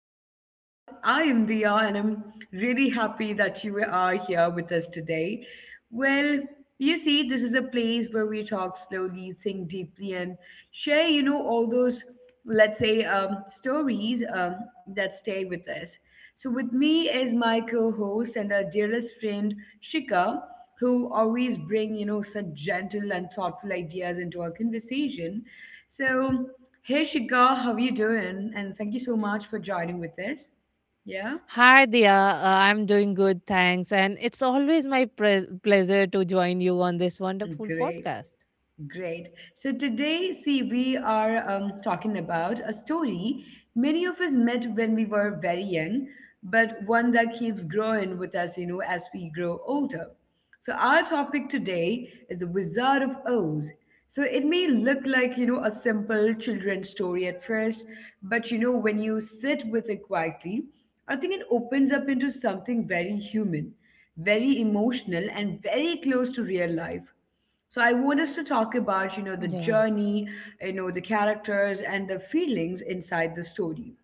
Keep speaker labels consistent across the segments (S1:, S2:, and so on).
S1: our podcast. I am Dia, and I'm really happy that you are here with us today. Well, you see, this is a place where we talk slowly, think deeply, and share, all those, let's say, stories that stay with us. So, with me is my co host and our dearest friend, Shika, who always bring, such gentle and thoughtful ideas into our conversation. So, hey Shika, how you doing? And thank you so much for joining with us. Yeah,
S2: Hi, Dia. I'm doing good, thanks. And it's always my pleasure to join you on this wonderful
S1: great.
S2: podcast.
S1: Great. So today, see, we are talking about a story many of us met when we were very young, but one that keeps growing with us, you know, as we grow older. So our topic today is the Wizard of Oz. So it may look like, you know, a simple children's story at first, but you know, when you sit with it quietly, I think it opens up into something very human, very emotional, and very close to real life. So I want us to talk about,
S2: Yeah.
S1: you know, the journey, you know, the characters and the feelings inside the story.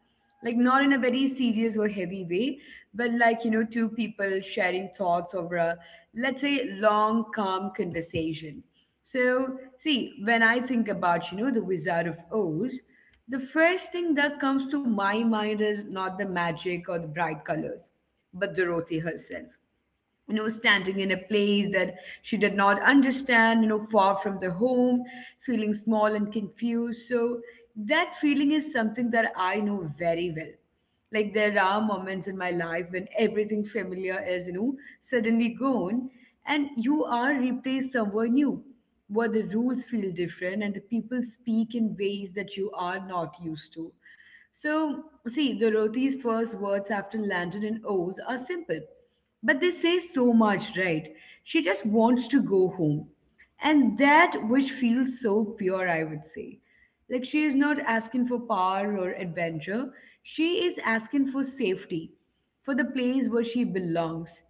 S1: Like not in a very serious or heavy way, but like, you know, two people sharing thoughts over a, let's say, long, calm conversation. So see, when I think about, you know, the Wizard of Oz, the first thing that comes to my mind is not the magic or the bright colors, but Dorothy herself, you know, standing in a place that she did not understand, you know, far from the home, feeling small and confused. So that feeling is something that I know very well. Like there are moments in my life when everything familiar is, you know, suddenly gone and you are replaced somewhere new, where the rules feel different and the people speak in ways that you are not used to. So, see, Dorothy's first words after landing and Oz are simple, but they say so much, right? She just wants to go home, and that which feels so pure, I would say. Like she is not asking for power or adventure, she is asking for safety, for the place where she belongs.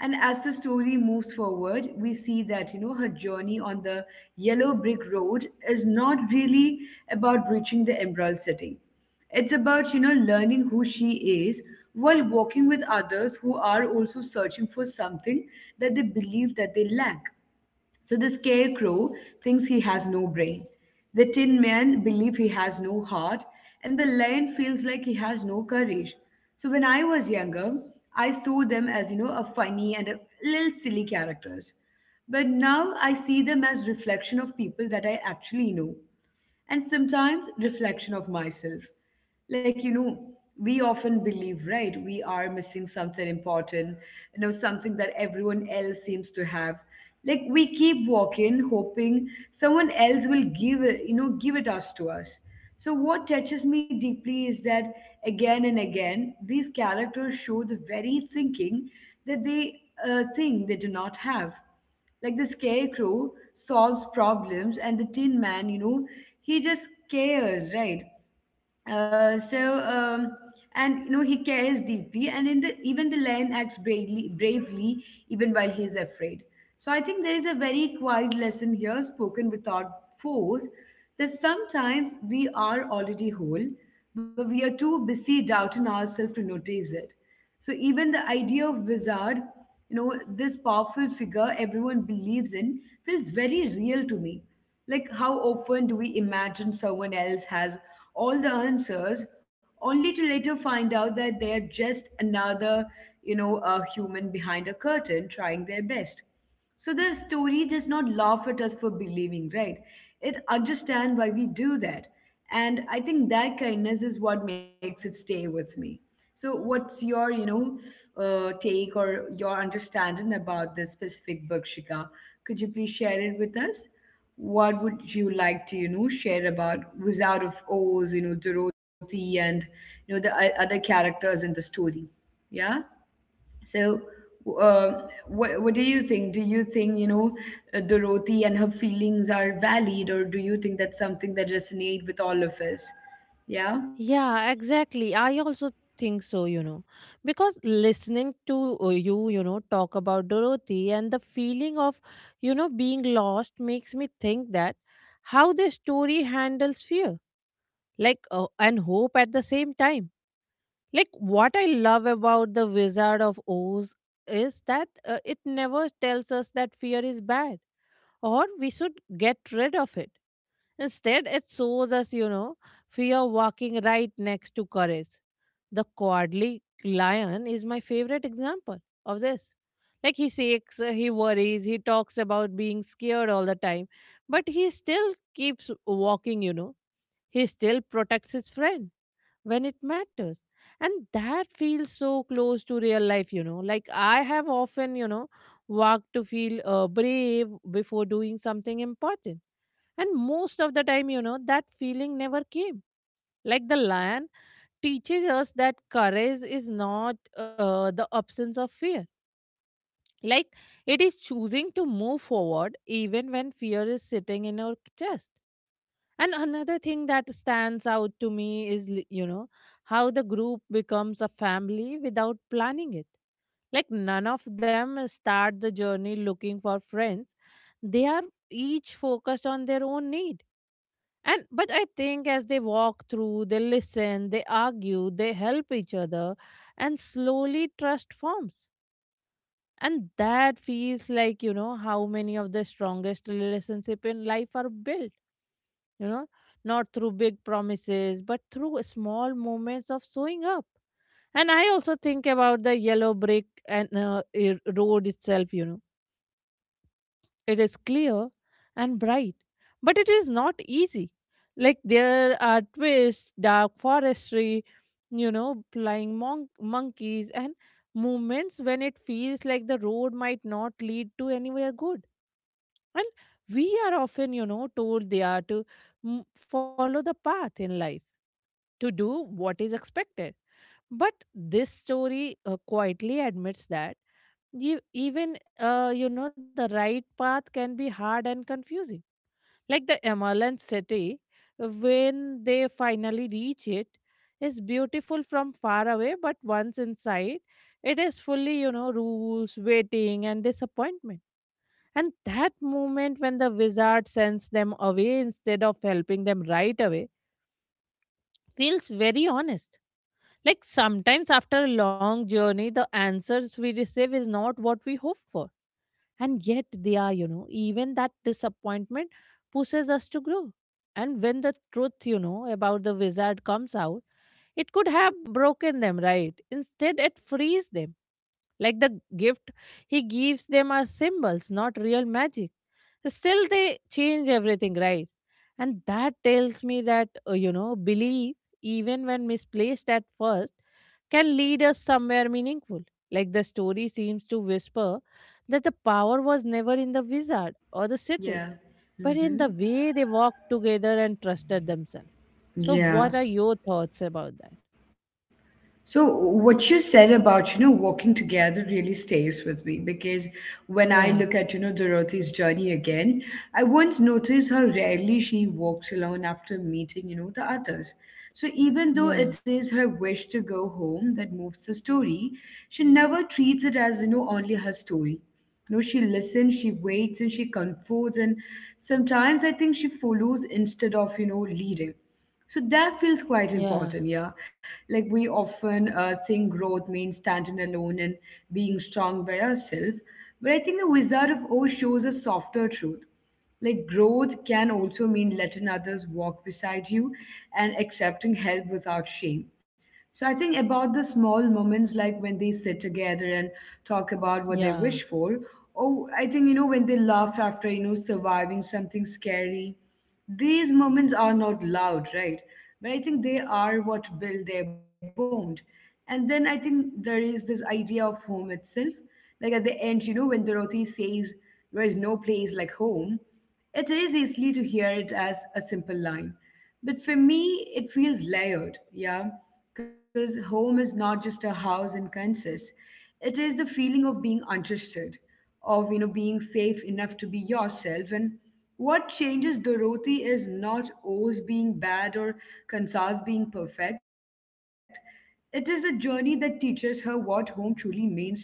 S1: And as the story moves forward, we see that, you know, her journey on the yellow brick road is not really about reaching the Emerald City. It's about, you know, learning who she is while walking with others who are also searching for something that they believe that they lack. So the scarecrow thinks he has no brain. The tin man believes he has no heart, and the lion feels like he has no courage. So when I was younger, I saw them as, you know, a funny and a little silly characters. But now I see them as reflection of people that I actually know, and sometimes reflection of myself. Like, you know, we often believe, right, we are missing something important, you know, something that everyone else seems to have. Like we keep walking, hoping someone else will give it, you know, give it us to us. So what touches me deeply is that again and again, these characters show the very thinking that they think they do not have. Like the scarecrow solves problems, and the tin man, you know, he just cares, right? Uh, so um, and you know he cares deeply, and in the even the lion acts bravely even while he is afraid. So I think there is a very quiet lesson here, spoken without force, that sometimes we are already whole, but we are too busy doubting ourselves to notice it. So even the idea of wizard, you know, this powerful figure everyone believes in, feels very real to me. Like how often do we imagine someone else has all the answers, only to later find out that they are just another, you know, a human behind a curtain trying their best. So the story does not laugh at us for believing, right? It understands why we do that. And I think that kindness is what makes it stay with me. So what's your, you know, take or your understanding about this specific book, Shika? Could you please share it with us? What would you like to, you know, share about Wizard of Oz, you know, Dorothy and, you know, the other characters in the story? Yeah? So, uh, what do you think? Do you think you know, Dorothy and her feelings are valid, or do you think that's something that resonate with all of us? Yeah,
S2: Yeah, exactly. I also think so, because listening to you know, talk about Dorothy and the feeling of, you know, being lost makes me think that how the story handles fear, and hope at the same time. Like what I love about the Wizard of Oz is that it never tells us that fear is bad or we should get rid of it. Instead, it shows us, you know, fear walking right next to courage. The cowardly lion is my favorite example of this. Like he shakes, he worries, he talks about being scared all the time, but he still keeps walking, you know. He still protects his friend when it matters, and that feels so close to real life, you know. Like I have often, you know, walked to feel brave before doing something important, and most of the time, you know, that feeling never came. Like the lion teaches us that courage is not the absence of fear. Like it is choosing to move forward even when fear is sitting in our chest. And another thing that stands out to me is, you know, how the group becomes a family without planning it. Like, none of them start the journey looking for friends. They are each focused on their own need. But I think as they walk through, they listen, they argue, they help each other, and slowly trust forms. And that feels like, you know, how many of the strongest relationship in life are built, you know, not through big promises, but through small moments of showing up. And I also think about the yellow brick road itself, you know, it is clear and bright, but it is not easy. Like there are twists, dark forestry, you know, flying monkeys, and moments when it feels like the road might not lead to anywhere good. And we are often, you know, told they are to follow the path in life to do what is expected. But this story quietly admits that even you know, the right path can be hard and confusing. Like the Emerald City, when they finally reach it, is beautiful from far away, but once inside, it is fully, you know, rules, waiting, and disappointment. And that moment when the wizard sends them away instead of helping them right away feels very honest. Like sometimes after a long journey, the answers we receive is not what we hope for. And yet they are, you know, even that disappointment pushes us to grow. And when the truth, you know, about the wizard comes out, it could have broken them, right? Instead, it frees them. Like the gift he gives them are symbols, not real magic. Still, they change everything, right? And that tells me that, you know, belief, even when misplaced at first, can lead us somewhere meaningful. Like the story seems to whisper that the power was never in the wizard or the city,
S1: yeah,
S2: but in the
S1: mm-hmm.
S2: way they walked together and trusted themselves. So, what are
S1: Yeah.
S2: your thoughts about that?
S1: So what you said about, you know, walking together really stays with me because when I
S2: Yeah,
S1: look at, you know, Dorothy's journey again, I once noticed how rarely she walks alone after meeting, you know, the others. So even though
S2: yeah,
S1: it is her wish to go home that moves the story, she never treats it as, you know, only her story. You know, she listens, she waits, and she comforts, and sometimes I think she follows instead of, you know, leading. So that feels quite
S2: yeah,
S1: important, yeah. Like we often think growth means standing alone and being strong by ourselves, but I think the Wizard of Oz shows a softer truth. Like growth can also mean letting others walk beside you and accepting help without shame. So I think about the small moments like when they sit together and talk about what they
S2: yeah,
S1: wish for. Oh, I think, you know, when they laugh after, you know, surviving something scary. These moments are not loud, right? But I think they are what build their bond. And then I think there is this idea of home itself. Like at the end, you know, when Dorothy says there is no place like home, it is easily to hear it as a simple line. But for me, it feels layered, yeah, because home is not just a house in Kansas. It is the feeling of being understood, of you know being safe enough to be yourself. And what changes Dorothy is not Oz being bad or Kansas being perfect. It is a journey that teaches her what home truly means to her.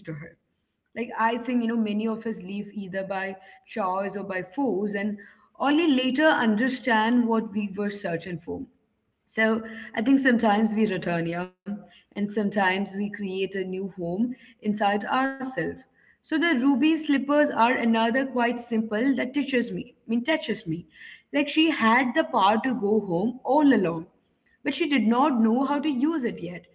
S1: Like I think you know many of us leave either by choice or by force, and only later understand what we were searching for. So I think sometimes we return here, and sometimes we create a new home inside ourselves. So the ruby slippers are another quite simple that touches me. Touches me. Like she had the power to go home all alone, but she did not know how to use it yet.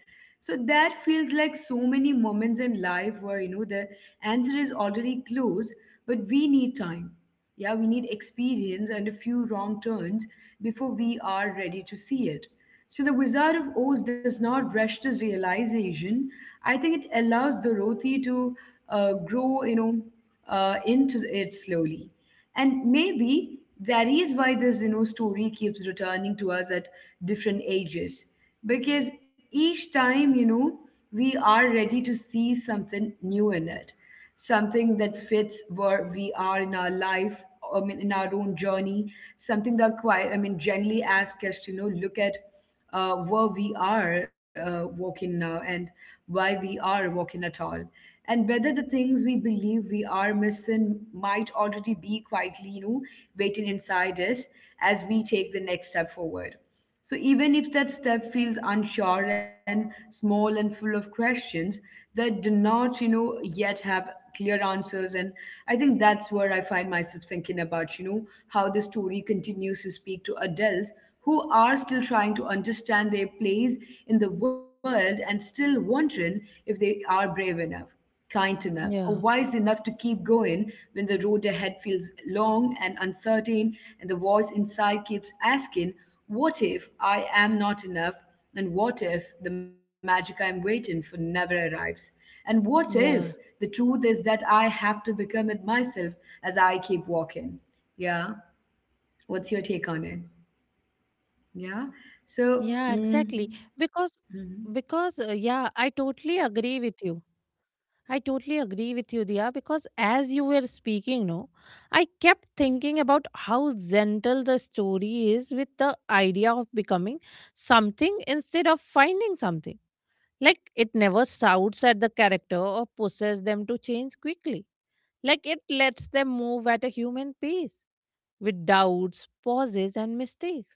S1: So that feels like so many moments in life where you know the answer is already close, but we need time. Yeah, we need experience and a few wrong turns before we are ready to see it. So the Wizard of Oz does not rush this realization. I think it allows Dorothy to grow, you know, into it slowly. And maybe that is why this you know story keeps returning to us at different ages, because each time you know we are ready to see something new in it, something that fits where we are in our life, in our own journey, something that quite generally asks us to, you know, look at where we are walking now and why we are walking at all, and whether the things we believe we are missing might already be quietly, you know, waiting inside us as we take the next step forward. So even if that step feels unsure and small and full of questions, that do not, you know, yet have clear answers. And I think that's where I find myself thinking about, you know, how the story continues to speak to adults who are still trying to understand their place in the world and still wondering if they are brave enough, kind enough, or wise enough
S2: yeah,
S1: to keep going when the road ahead feels long and uncertain, and the voice inside keeps asking, what if I am not enough? And what if the magic I'm waiting for never arrives? And what if the truth
S2: yeah.
S1: is that I have to become it myself as I keep walking? Yeah. What's your take on it? Yeah.
S2: Yeah, exactly.
S1: So,
S2: Because
S1: mm,
S2: because yeah, I totally agree with you. I totally agree with you, Dia, because as you were speaking, no, I kept thinking about how gentle the story is with the idea of becoming something instead of finding something. Like it never shouts at the character or pushes them to change quickly. Like it lets them move at a human pace with doubts, pauses, and mistakes,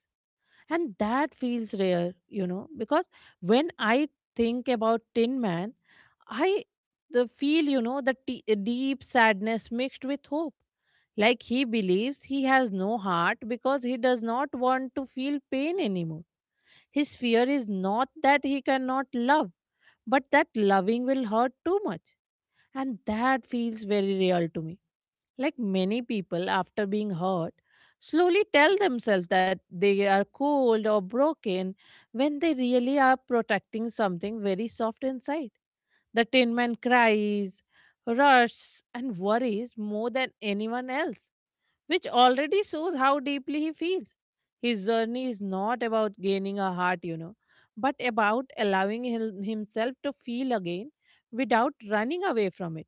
S2: and that feels rare, you know. Because when I think about tin man, I the feel, you know, the deep sadness mixed with hope. Like he believes he has no heart because he does not want to feel pain anymore. His fear is not that he cannot love, but that loving will hurt too much. And that feels very real to me. Like many people, after being hurt, slowly tell themselves that they are cold or broken when they really are protecting something very soft inside. The tin man cries, rushes, and worries more than anyone else, which already shows how deeply he feels. His journey is not about gaining a heart, you know, but about allowing himself to feel again without running away from it.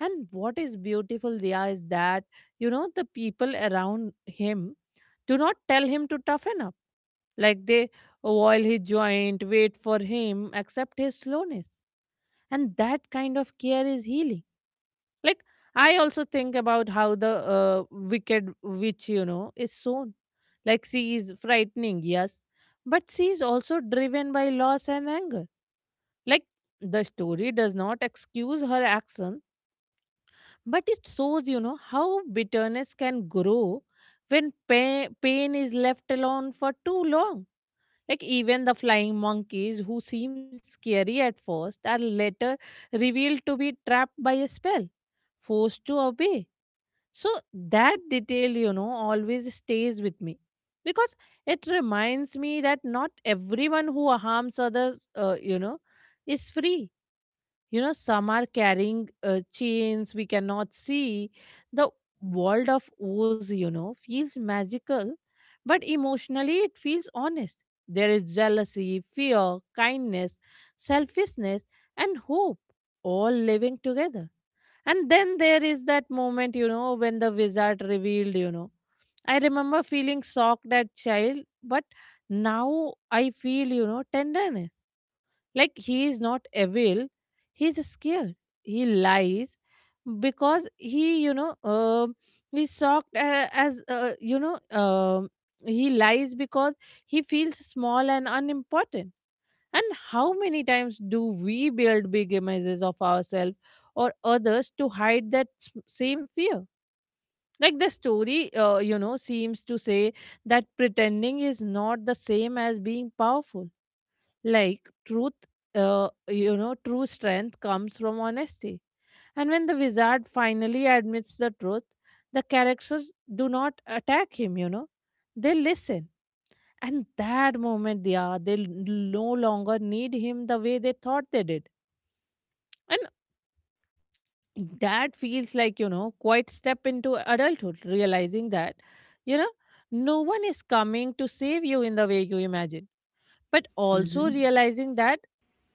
S2: And what is beautiful, Dia, is that, you know, the people around him do not tell him to toughen up. Like they oil his joint, wait for him, accept his slowness. And that kind of care is healing. Like I also think about how the wicked witch, you know, is sown. Like she is frightening, yes, but she is also driven by loss and anger. Like the story does not excuse her action. But it shows, you know, how bitterness can grow when pain is left alone for too long. Like, even the flying monkeys, who seem scary at first, are later revealed to be trapped by a spell, forced to obey. So, that detail, you know, always stays with me because it reminds me that not everyone who harms others, you know, is free. You know, some are carrying chains we cannot see. The world of Oz, you know, feels magical, but emotionally it feels honest. There is jealousy, fear, kindness, selfishness, and hope, all living together. And then there is that moment, you know, when the wizard revealed, you know, I remember feeling shocked at child, but now I feel, you know, tenderness. Like he is not evil, he is scared. He lies because he, you know, he's shocked as, you know, he lies because he feels small and unimportant. And how many times do we build big images of ourselves or others to hide that same fear? Like the story, you know, seems to say that pretending is not the same as being powerful. Like you know, true strength comes from honesty. And when the wizard finally admits the truth, the characters do not attack him, you know, they listen. And that moment, they are, they l- no longer need him the way they thought they did. And that feels like, you know, quite step into adulthood, realizing that, you know, no one is coming to save you in the way you imagine, but also
S1: hmm
S2: realizing that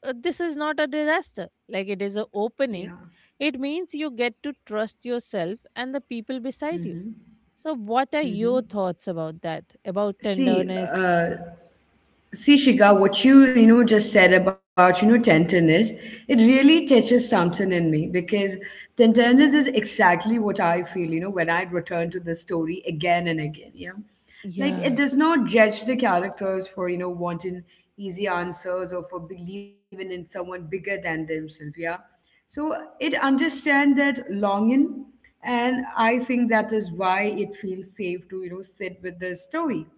S2: this is not a disaster. Like it is a
S1: yeah.
S2: opening. It means you get to trust yourself and the people beside you.
S1: hmm
S2: So what are your
S1: hmm
S2: thoughts about that, about
S1: See,
S2: tenderness?
S1: uh, see, Shika, what you know just said about you know tenderness, it really touches something in me because tenderness is exactly what I feel. You know, when I return to the story again and again, you know, like
S2: Yeah,
S1: it does not judge the characters for you know wanting easy answers or for believing in someone bigger than themselves. Yeah, so it understands that longing, and I think that is why it feels safe to you know sit with the story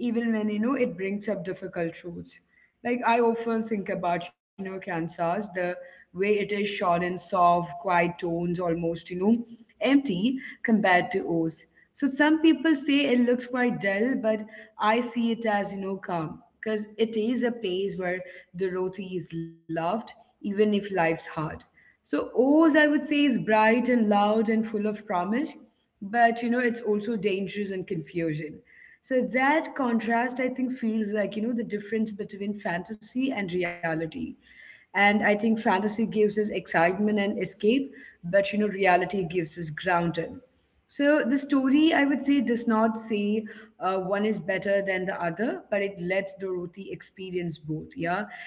S1: even when you know it brings up difficult truths. Like I often think about Kansas, the way it is short and soft, quiet tones, almost empty compared to O's. So some people say it looks quite dull, but I see it as calm because it is a place where Dorothy is loved, even if life's hard. So O's I would say is bright and loud and full of promise, but it's also dangerous and confusing. So that contrast, I think, feels like the difference between fantasy and reality. And I think fantasy gives us excitement and escape, but reality gives us grounding. So the story, I would say, does not say one is better than the other, but it lets Dorothy experience both, yeah.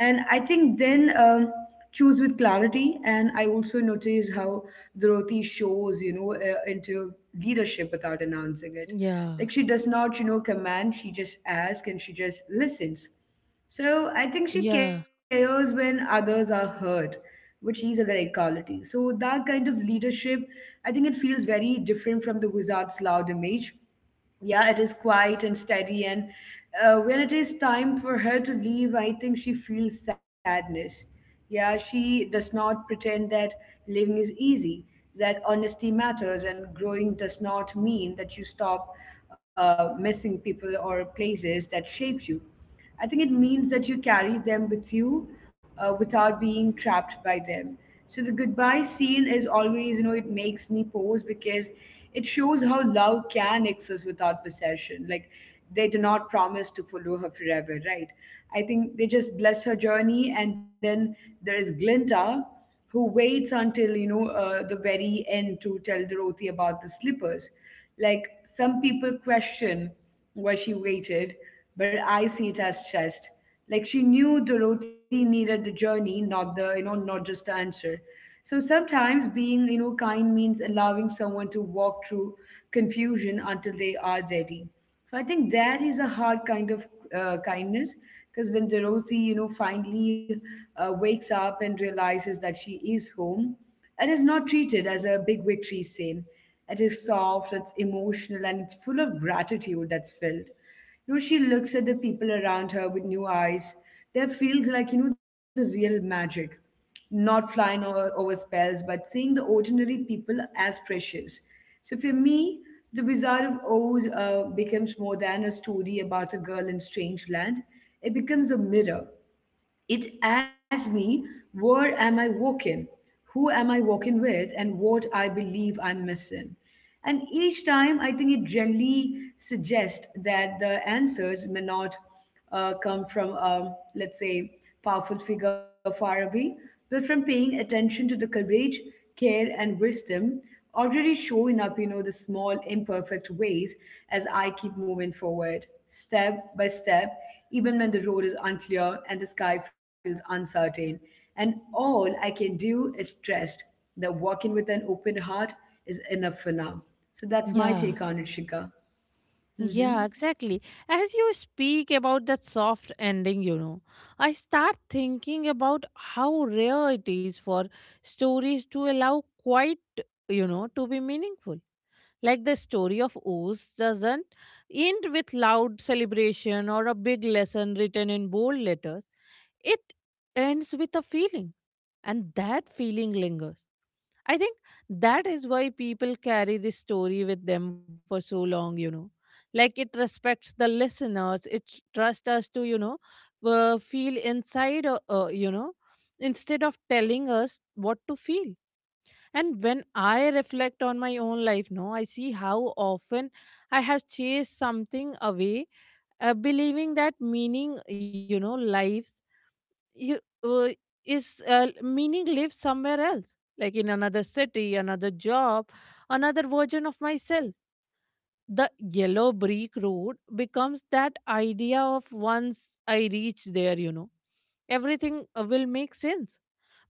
S1: And I think then choose with clarity. And I also noticed how Dorothy shows, into leadership without announcing it.
S2: yeah,
S1: Like she does not, command, she just asks and she just listens. So I think she
S2: yeah,
S1: cares when others are hurt, which is a great quality. So that kind of leadership, I think it feels very different from the wizard's loud image. Yeah, it is quiet and steady. And when it is time for her to leave, I think she feels sadness. Yeah, she does not pretend that living is easy, that honesty matters, and growing does not mean that you stop missing people or places that shaped you. I think it means that you carry them with you without being trapped by them. So the goodbye scene is always, it makes me pause because it shows how love can exist without possession. Like they do not promise to follow her forever, right? I think they just bless her journey, and then there is Glinda, who waits until the very end to tell Dorothy about the slippers. Like some people question why she waited, but I see it as chest. Like she knew Dorothy needed the journey, not the, not just the answer. So sometimes being, kind means allowing someone to walk through confusion until they are ready. So I think that is a hard kind of kindness, because when Dorothy, finally wakes up and realizes that she is home, it is not treated as a big victory sale. It is soft, it's emotional, and it's full of gratitude that's felt. You know, she looks at the people around her with new eyes. There feels like, the real magic. Not flying over spells, but seeing the ordinary people as precious. So for me, The Wizard of Oz becomes more than a story about a girl in strange land. It becomes a mirror. It asks me, where am I walking, who am I walking with, and what I believe I'm missing. And each time, I think it generally suggests that the answers may not come from, a, let's say, powerful figure far away, but from paying attention to the courage, care, and wisdom already showing up, the small, imperfect ways as I keep moving forward, step by step, even when the road is unclear and the sky feels uncertain. And all I can do is trust that walking with an open heart is enough for now. So that's
S2: yeah,
S1: my take on it, Shika.
S2: yeah,
S1: Hmm.
S2: exactly. As you speak about that soft ending, you know, I start thinking about how rare it is for stories to allow quite, you know, to be meaningful. Like the story of Oz doesn't end with loud celebration or a big lesson written in bold letters. It ends with a feeling, and that feeling lingers. I think that is why people carry this story with them for so long, you know. Like it respects the listeners, it trusts us to, you know, feel inside, you know, instead of telling us what to feel. And when I reflect on my own life, no, I see how often I have chased something away, believing that meaning, you know, lives you uh, is meaning lives somewhere else, like in another city, another job, another version of myself. The yellow brick road becomes that idea of once I reach there, you know, everything will make sense.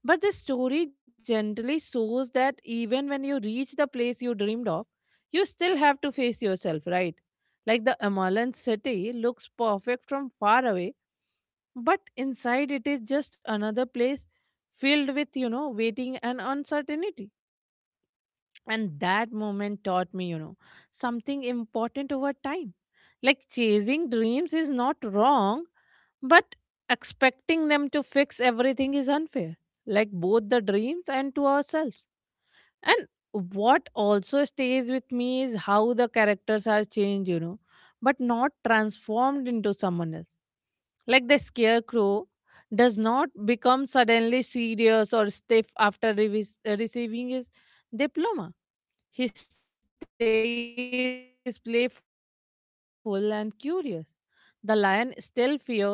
S2: But the story gently shows that even when you reach the place you dreamed of, you still have to face yourself, right? Like the Amalan city looks perfect from far away, but inside it is just another place filled with, you know, waiting and uncertainty. And that moment taught me, you know, something important over time. Like chasing dreams is not wrong, but expecting them to fix everything is unfair, like both the dreams and to ourselves. And what also stays with me is how the characters are changed, you know, but not transformed into someone else. Like the scarecrow does not become suddenly serious or stiff after receiving his diploma. He stays playful and curious. The lion still fears, the tin man still cries.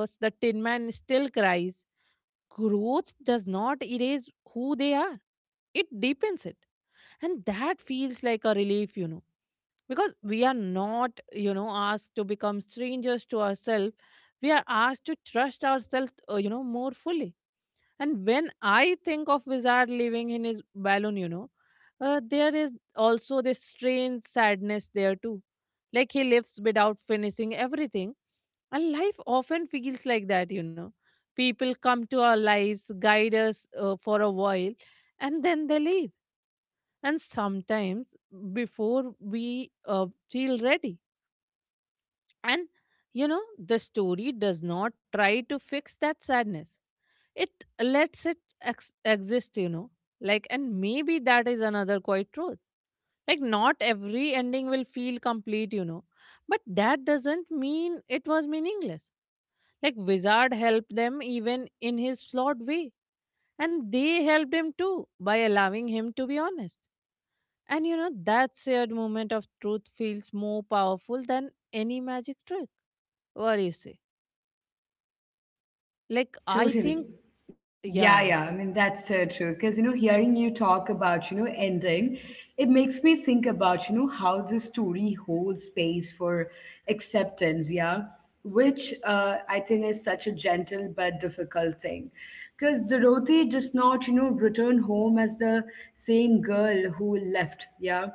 S2: Growth does not erase who they are, it deepens it. And that feels like a relief, you know, because we are not, you know, asked to become strangers to ourselves. We are asked to trust ourselves, you know, more fully. And when I think of Wizard leaving in his balloon, you know, there is also this strange sadness there too. Like he lives without finishing everything. And life often feels like that, you know. People come to our lives, guide us for a while, and then they leave. And sometimes before we feel ready. And, the story does not try to fix that sadness. It lets it exist. Like and maybe that is another quite truth. Like not every ending will feel complete. But that doesn't mean it was meaningless. Like wizard helped them even in his flawed way, and they helped him too by allowing him to be honest. And you know that shared moment of truth feels more powerful than any magic trick. What do you say? I think.
S1: Totally.
S2: Yeah.
S1: Yeah, yeah. I mean, that's so true. Because, hearing you talk about, ending, it makes me think about, how the story holds space for acceptance, yeah, which I think is such a gentle but difficult thing. Because Dorothy does not, return home as the same girl who left, yeah.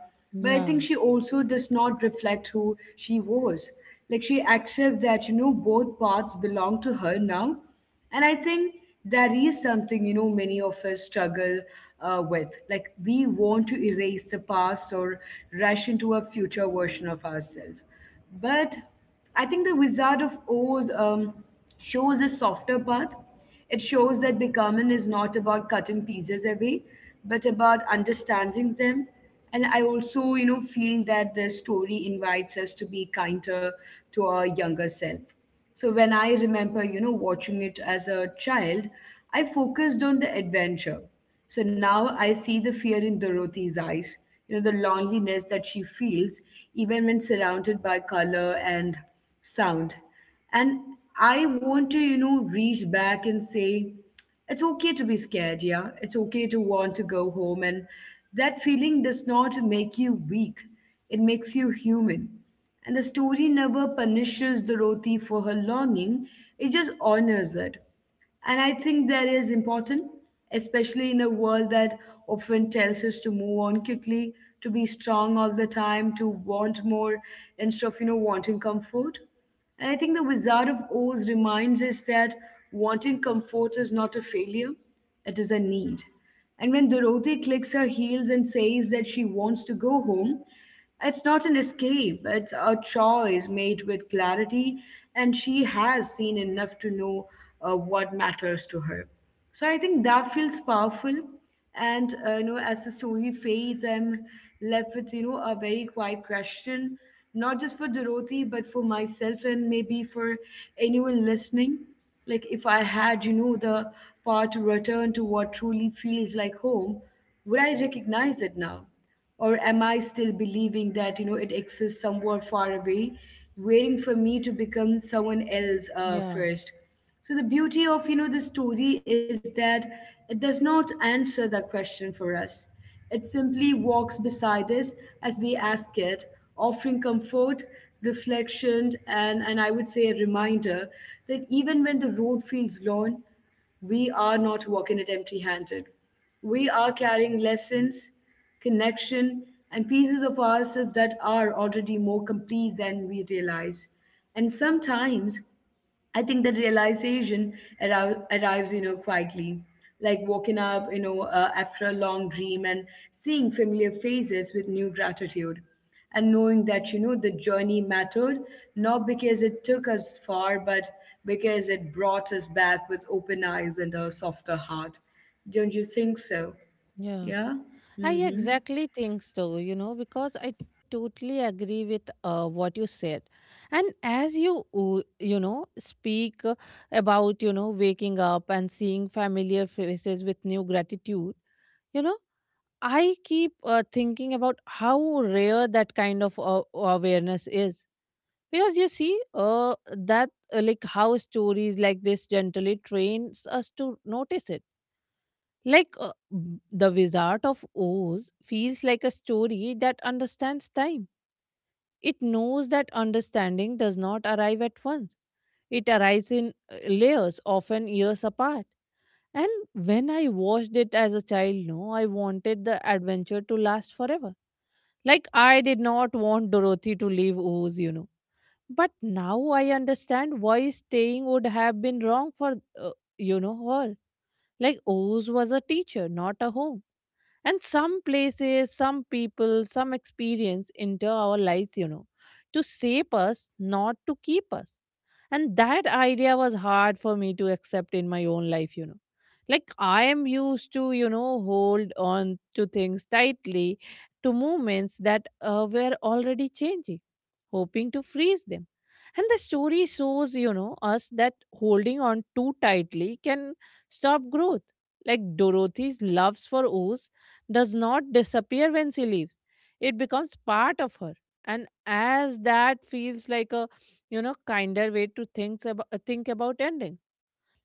S1: But I
S2: Yeah,
S1: think she also does not reflect who she was. Like she accepts that, both paths belong to her now, and I think that is something, many of us struggle with. Like, we want to erase the past or rush into a future version of ourselves. But I think the Wizard of Oz shows a softer path. It shows that becoming is not about cutting pieces away, but about understanding them. And I also, feel that the story invites us to be kinder to our younger self. So when I remember, watching it as a child, I focused on the adventure. So now I see the fear in Dorothy's eyes, the loneliness that she feels even when surrounded by color and sound. And I want to, reach back and say, it's okay to be scared, yeah. It's okay to want to go home. And that feeling does not make you weak, it makes you human. And the story never punishes Dorothy for her longing, it just honors it. And I think that is important, especially in a world that often tells us to move on quickly, to be strong all the time, to want more instead of, wanting comfort. And I think the Wizard of Oz reminds us that wanting comfort is not a failure, it is a need. And when Dorothy clicks her heels and says that she wants to go home, it's not an escape, it's a choice made with clarity, and she has seen enough to know what matters to her. So I think that feels powerful. And as the story fades, I'm left with a very quiet question, not just for Dorothy, but for myself and maybe for anyone listening. Like, if I had the power to return to what truly feels like home, would I recognize it now? Or am I still believing that it exists somewhere far away, waiting for me to become someone else
S2: yeah,
S1: first? So the beauty of the story is that it does not answer that question for us. It simply walks beside us as we ask it, offering comfort, reflection, and I would say a reminder that even when the road feels long, we are not walking it empty handed. We are carrying lessons, connection, and pieces of ourselves that are already more complete than we realize. And sometimes I think that realization arrives, quietly, like waking up, after a long dream and seeing familiar faces with new gratitude and knowing that the journey mattered, not because it took us far, but because it brought us back with open eyes and a softer heart. Don't you think so?
S2: yeah.
S1: Yeah.
S2: I
S1: Mm-hmm.
S2: exactly think so, you know, because I totally agree with what you said. And as you, speak about, you know, waking up and seeing familiar faces with new gratitude, you know, I keep thinking about how rare that kind of awareness is. Because you see, like, how stories like this gently trains us to notice it. Like The Wizard of Oz feels like a story that understands time. It knows that understanding does not arrive at once. It arrives in layers, often years apart. And when I watched it as a child, no, I wanted the adventure to last forever. Like I did not want Dorothy to leave Oz, you know. But now I understand why staying would have been wrong for, uh, you know, her. Like Oz was a teacher, not a home. And some places, some people, some experience enter our lives, you know, to shape us, not to keep us. And that idea was hard for me to accept in my own life, you know. Like I am used to, you know, hold on to things tightly, to movements that were already changing, hoping to freeze them. And the story shows, you know, us that holding on too tightly can stop growth. Like Dorothy's loves for Oz does not disappear when she leaves. It becomes part of her. And as that feels like a, you know, kinder way to think about ending.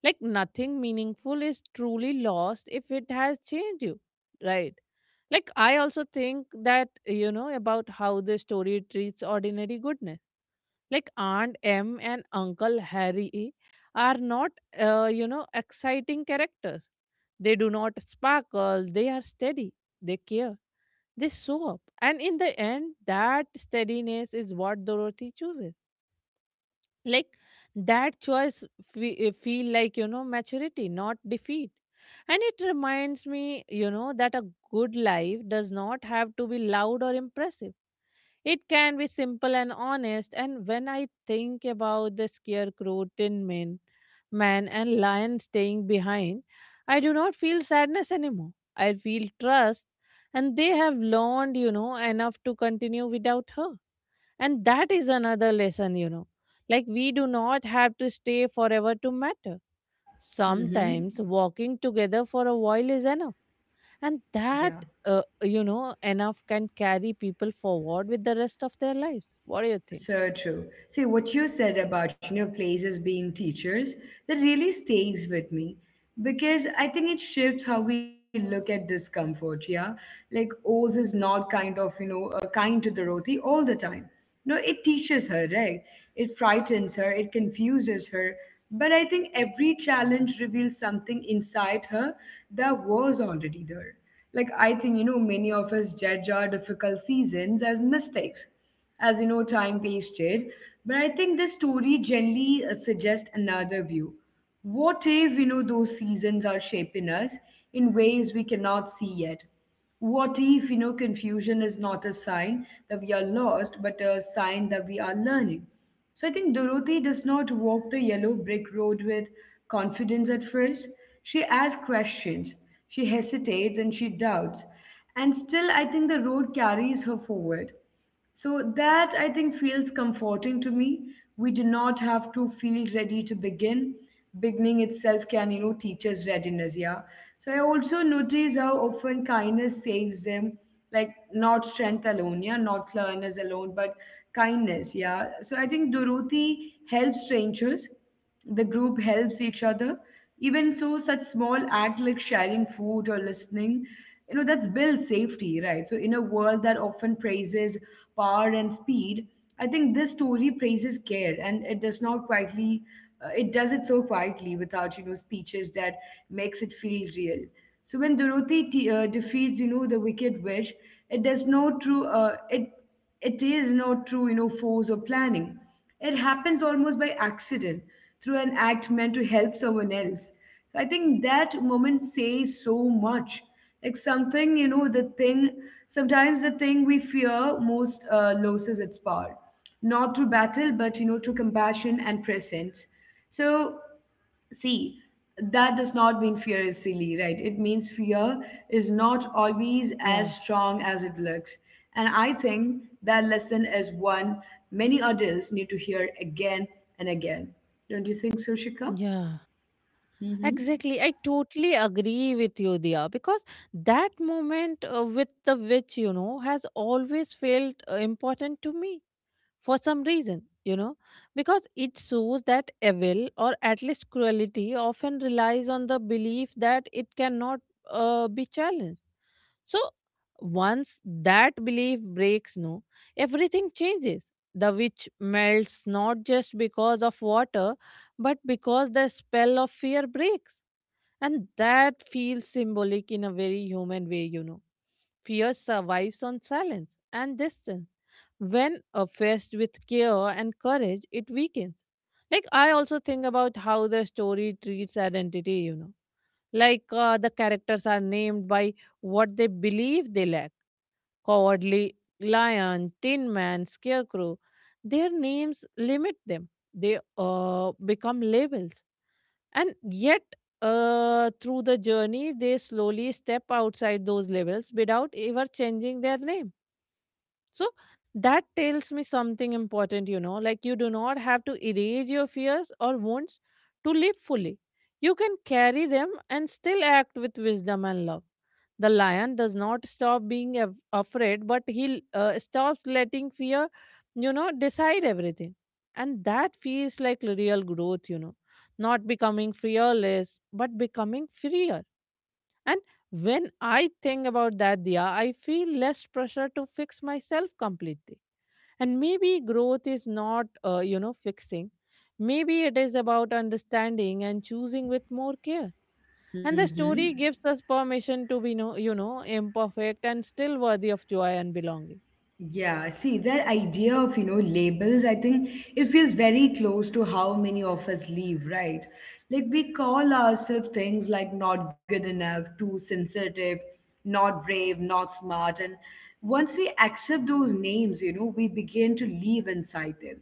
S2: Like nothing meaningful is truly lost if it has changed you. Right. I also think that you know about how the story treats ordinary goodness. Like Aunt M and Uncle Harry are not exciting characters. They do not sparkle, they are steady, they care, they show up. And in the end, that steadiness is what Dorothy chooses. That choice feel like, you know, maturity, not defeat. And it reminds me, you know, that a good life does not have to be loud or impressive. It can be simple and honest. And when I think about the scarecrow, tin man, and lion staying behind, I do not feel sadness anymore. I feel trust, and they have learned, you know, enough to continue without her. And that is another lesson, you know. Like, we do not have to stay forever to matter.
S1: Mm-hmm.
S2: Sometimes walking together for a while is enough. And
S1: Yeah.
S2: that you know, enough can carry people forward with the rest of their lives. What do you think?
S1: So true. See, what you said about, places being teachers, that really stays with me because I think it shifts how we look at discomfort, yeah? Like, Oz is not kind of, kind to Dorothy all the time. No, it teaches her, right? It frightens her, it confuses her. But I think every challenge reveals something inside her that was already there. Like, I think, many of us judge our difficult seasons as mistakes, as time wasted. But I think this story generally suggests another view. What if, those seasons are shaping us in ways we cannot see yet? What if, confusion is not a sign that we are lost, but a sign that we are learning? So I think Dorothy does not walk the yellow brick road with confidence at first. She asks questions, she hesitates, and she doubts. And still, I think the road carries her forward. So that I think feels comforting to me. We do not have to feel ready to begin. Beginning itself can, teach us readiness, yeah. So I also notice how often kindness saves them, like not strength alone, yeah, not cleverness alone, but kindness, yeah. So I think Dorothy helps strangers, the group helps each other, even so such small act like sharing food or listening, that's builds safety, right? So in a world that often praises power and speed, I think this story praises care, and it does not quietly it does it so quietly without speeches, that makes it feel real. So when Dorothy defeats the wicked witch, it does no true it it is not through force or planning. It happens almost by accident, through an act meant to help someone else. So I think that moment says so much. Like something you know the thing sometimes the thing we fear most loses its power, not through battle, but through compassion and presence. So see, that does not mean fear is silly, right? It means fear is not
S2: Yeah.
S1: always as strong as it looks. And I think that lesson is one many adults need to hear again and again. Don't you think so, Shika?
S2: Yeah. Exactly. I totally agree with you, Dia, because that moment with the witch, you know, has always felt important to me for some reason, you know, because it shows that evil, or at least cruelty, often relies on the belief that it cannot be challenged. So once that belief breaks, no, everything changes. The witch melts not just because of water, but because the spell of fear breaks. And that feels symbolic in a very human way, you know. Fear survives on silence and distance. When faced with care and courage, it weakens. Like, I also think about how the story treats identity, you know. Like the characters are named by what they believe they lack. Cowardly lion, tin man, scarecrow. Their names limit them, they become labels. And yet, through the journey, they slowly step outside those labels without ever changing their name. So that tells me something important, you know. Like you do not have to erase your fears or wounds to live fully. You can carry them and still act with wisdom and love. The lion does not stop being afraid, but he stops letting fear, you know, decide everything. And that feels like real growth, you know. Not becoming fearless, but becoming freer. And when I think about that, Dia, I feel less pressure to fix myself completely. And maybe growth is not, you know, fixing. Maybe it is about understanding and choosing with more care. And the story
S1: Mm-hmm.
S2: gives us permission to be, no, you know, imperfect and still worthy of joy and belonging.
S1: Yeah, see, that idea of labels, I think it feels very close to how many of us live, right? Like we call ourselves things like not good enough, too sensitive, not brave, not smart. And once we accept those names we begin to live inside them.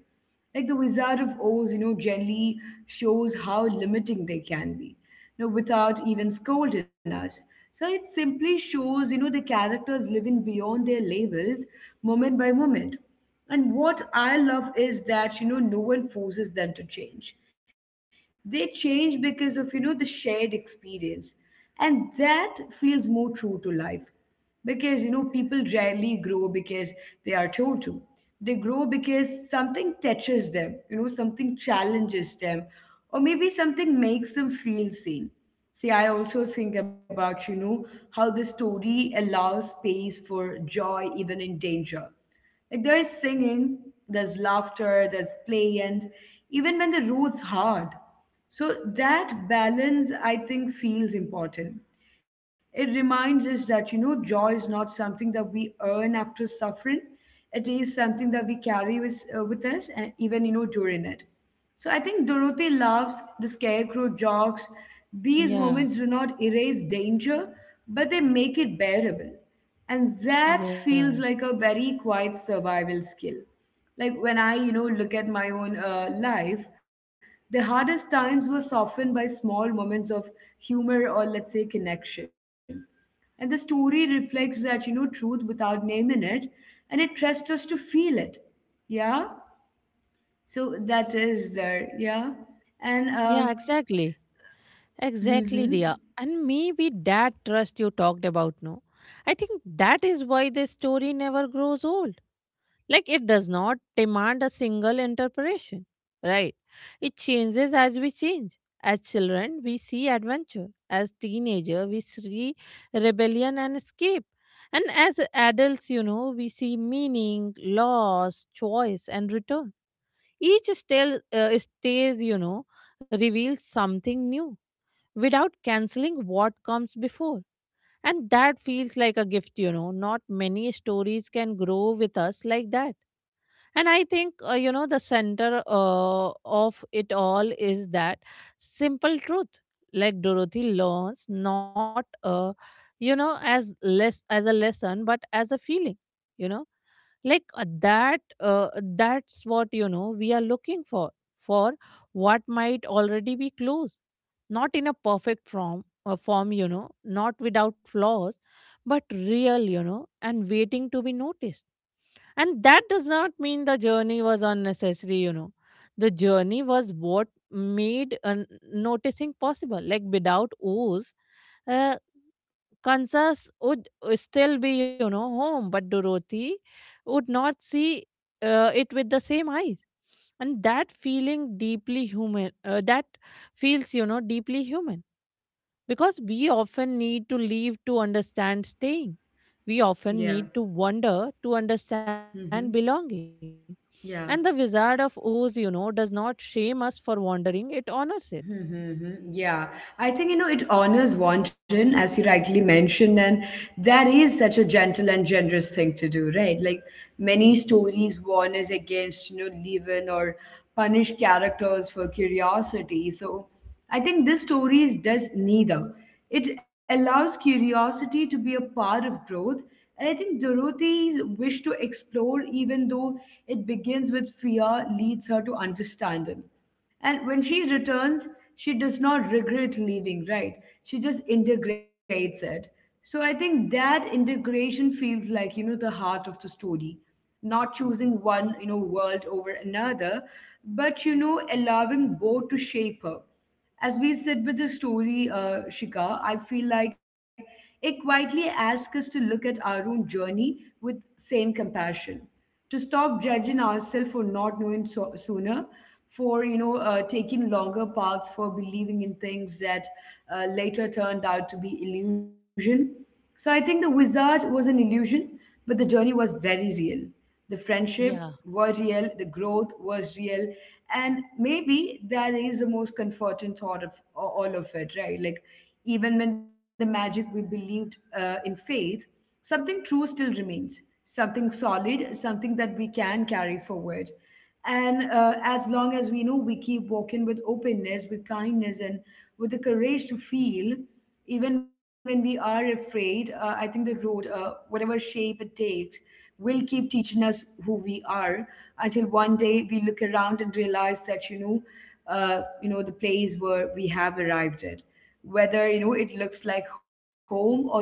S1: Like the Wizard of Oz generally shows how limiting they can be without even scolding us. So it simply shows the characters living beyond their labels moment by moment. And what I love is that no one forces them to change. They change because of the shared experience. And that feels more true to life because people rarely grow because they are told to. They grow because something touches them, something challenges them, or maybe something makes them feel seen. See, I also think about how the story allows space for joy even in danger. Like there is singing, there's laughter, there's play, and even when the road's hard. So that balance, I think, feels important. It reminds us that joy is not something that we earn after suffering. It is something that we carry with us, and even during it. So I think Dorothy loves the scarecrow jokes. These
S2: Yeah,
S1: moments do not erase danger, but they make it bearable. And that
S2: yeah,
S1: feels like a very quiet survival skill. Like when I look at my own life, the hardest times were softened by small moments of humor or let's say connection. And the story reflects that truth without naming it, and it trusts us to feel it. Yeah? So that is there, yeah. And
S2: Yeah. Exactly. Exactly,
S1: mm-hmm,
S2: Dia. And maybe that trust you talked about, no? I think that is why this story never grows old. Like it does not demand a single interpretation, right? It changes as we change. As children, we see adventure. As teenager, we see rebellion and escape. And as adults, you know, we see meaning, loss, choice, and return. Each still stays, you know, reveals something new without canceling what comes before. And that feels like a gift, you know. Not many stories can grow with us like that. And I think, you know, the center of it all is that simple truth. Like Dorothy learns not, you know, as less as a lesson, but as a feeling, you know, like that's what you know we are looking for what might already be clues, not in a perfect form, you know, not without flaws, but real, you know, and waiting to be noticed. And that does not mean the journey was unnecessary, you know. The journey was what made noticing possible. Like without Oz, uh, Kansas would still be, you know, home, but Dorothy would not see it with the same eyes. And that feeling deeply that feels, you know, deeply human, because we often need to leave to understand staying. We often
S1: yeah,
S2: need to wander to understand
S1: mm-hmm,
S2: belonging. And the Wizard of
S1: yeah.
S2: Oz, you know, does not shame us for wandering, it honors it.
S1: Mm-hmm. Yeah, I think it honors Wanjin, as you rightly mentioned, and that is such a gentle and generous thing to do, right? Like many stories warn us against leaven or punish characters for curiosity. So I think this story does neither. It allows curiosity to be a part of growth, and I think Dorothy's wish to explore, even though it begins with fear, leads her to understanding. And when she returns, she does not regret leaving, right? She just integrates it. So I think that integration feels like the heart of the story. Not choosing one world over another, but allowing both to shape her. As we sit with the story, Shika, I feel like it quietly asks us to look at our own journey with same compassion to stop judging ourselves for not knowing sooner, for taking longer paths, for believing in things that later turned out to be illusion. So I think the wizard was an illusion, but the journey was very real. The
S2: Yeah,
S1: friendship were real. The growth was real. And maybe that is the most comforting thought of all of it, right? Like even when the magic we believed in faith, something true still remains, something solid, something that we can carry forward. And as long as we know we keep walking with openness, with kindness, and with the courage to feel, even when we are afraid, I think the road, whatever shape it takes, will keep teaching us who we are until one day we look around and realize that the place where we have arrived at, whether it looks like home or not,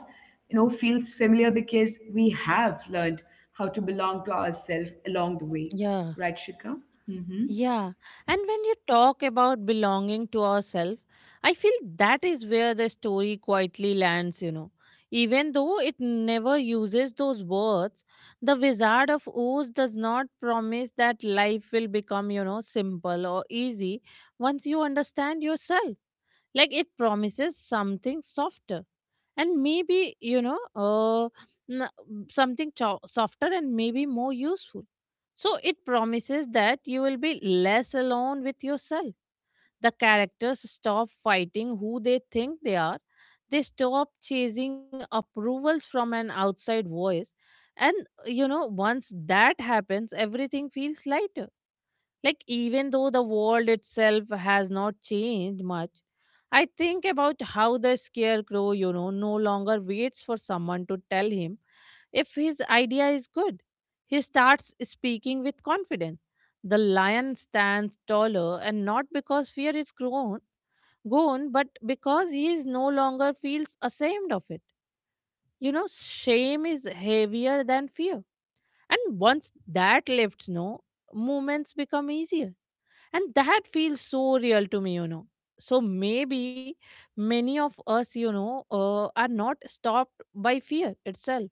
S1: feels familiar because we have learned how to belong to ourselves along the way.
S2: yeah.
S1: Right, Shika? Mm-hmm.
S2: Yeah. And when you talk about belonging to ourselves, I feel that is where the story quietly lands, you know. Even though it never uses those words, the Wizard of Oz does not promise that life will become, you know, simple or easy once you understand yourself. Like it promises something softer. And maybe you know something softer and maybe more useful. So it promises that you will be less alone with yourself. The characters stop fighting who they think they are, they stop chasing approvals from an outside voice. And you know, once that happens, everything feels lighter. Like, even though the world itself has not changed much, I think about how the scarecrow, you know, no longer waits for someone to tell him if his idea is good. He starts speaking with confidence. The lion stands taller, and not because fear is gone, but because he is no longer feels ashamed of it. You know, shame is heavier than fear. And once that lifts, no, movements become easier. And that feels so real to me, you know. So maybe many of us, you know, are not stopped by fear itself,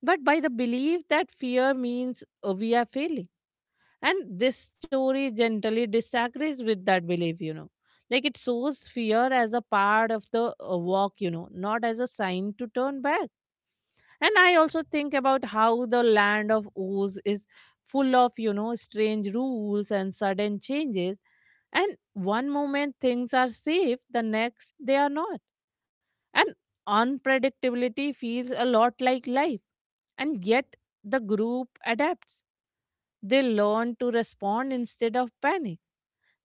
S2: but by the belief that fear means we are failing. And this story gently disagrees with that belief, you know. Like it shows fear as a part of the walk, you know, not as a sign to turn back. And I also think about how the land of Oz is full of, you know, strange rules and sudden changes. And one moment things are safe, the next they are not. And unpredictability feels a lot like life. And yet the group adapts. They learn to respond instead of panic.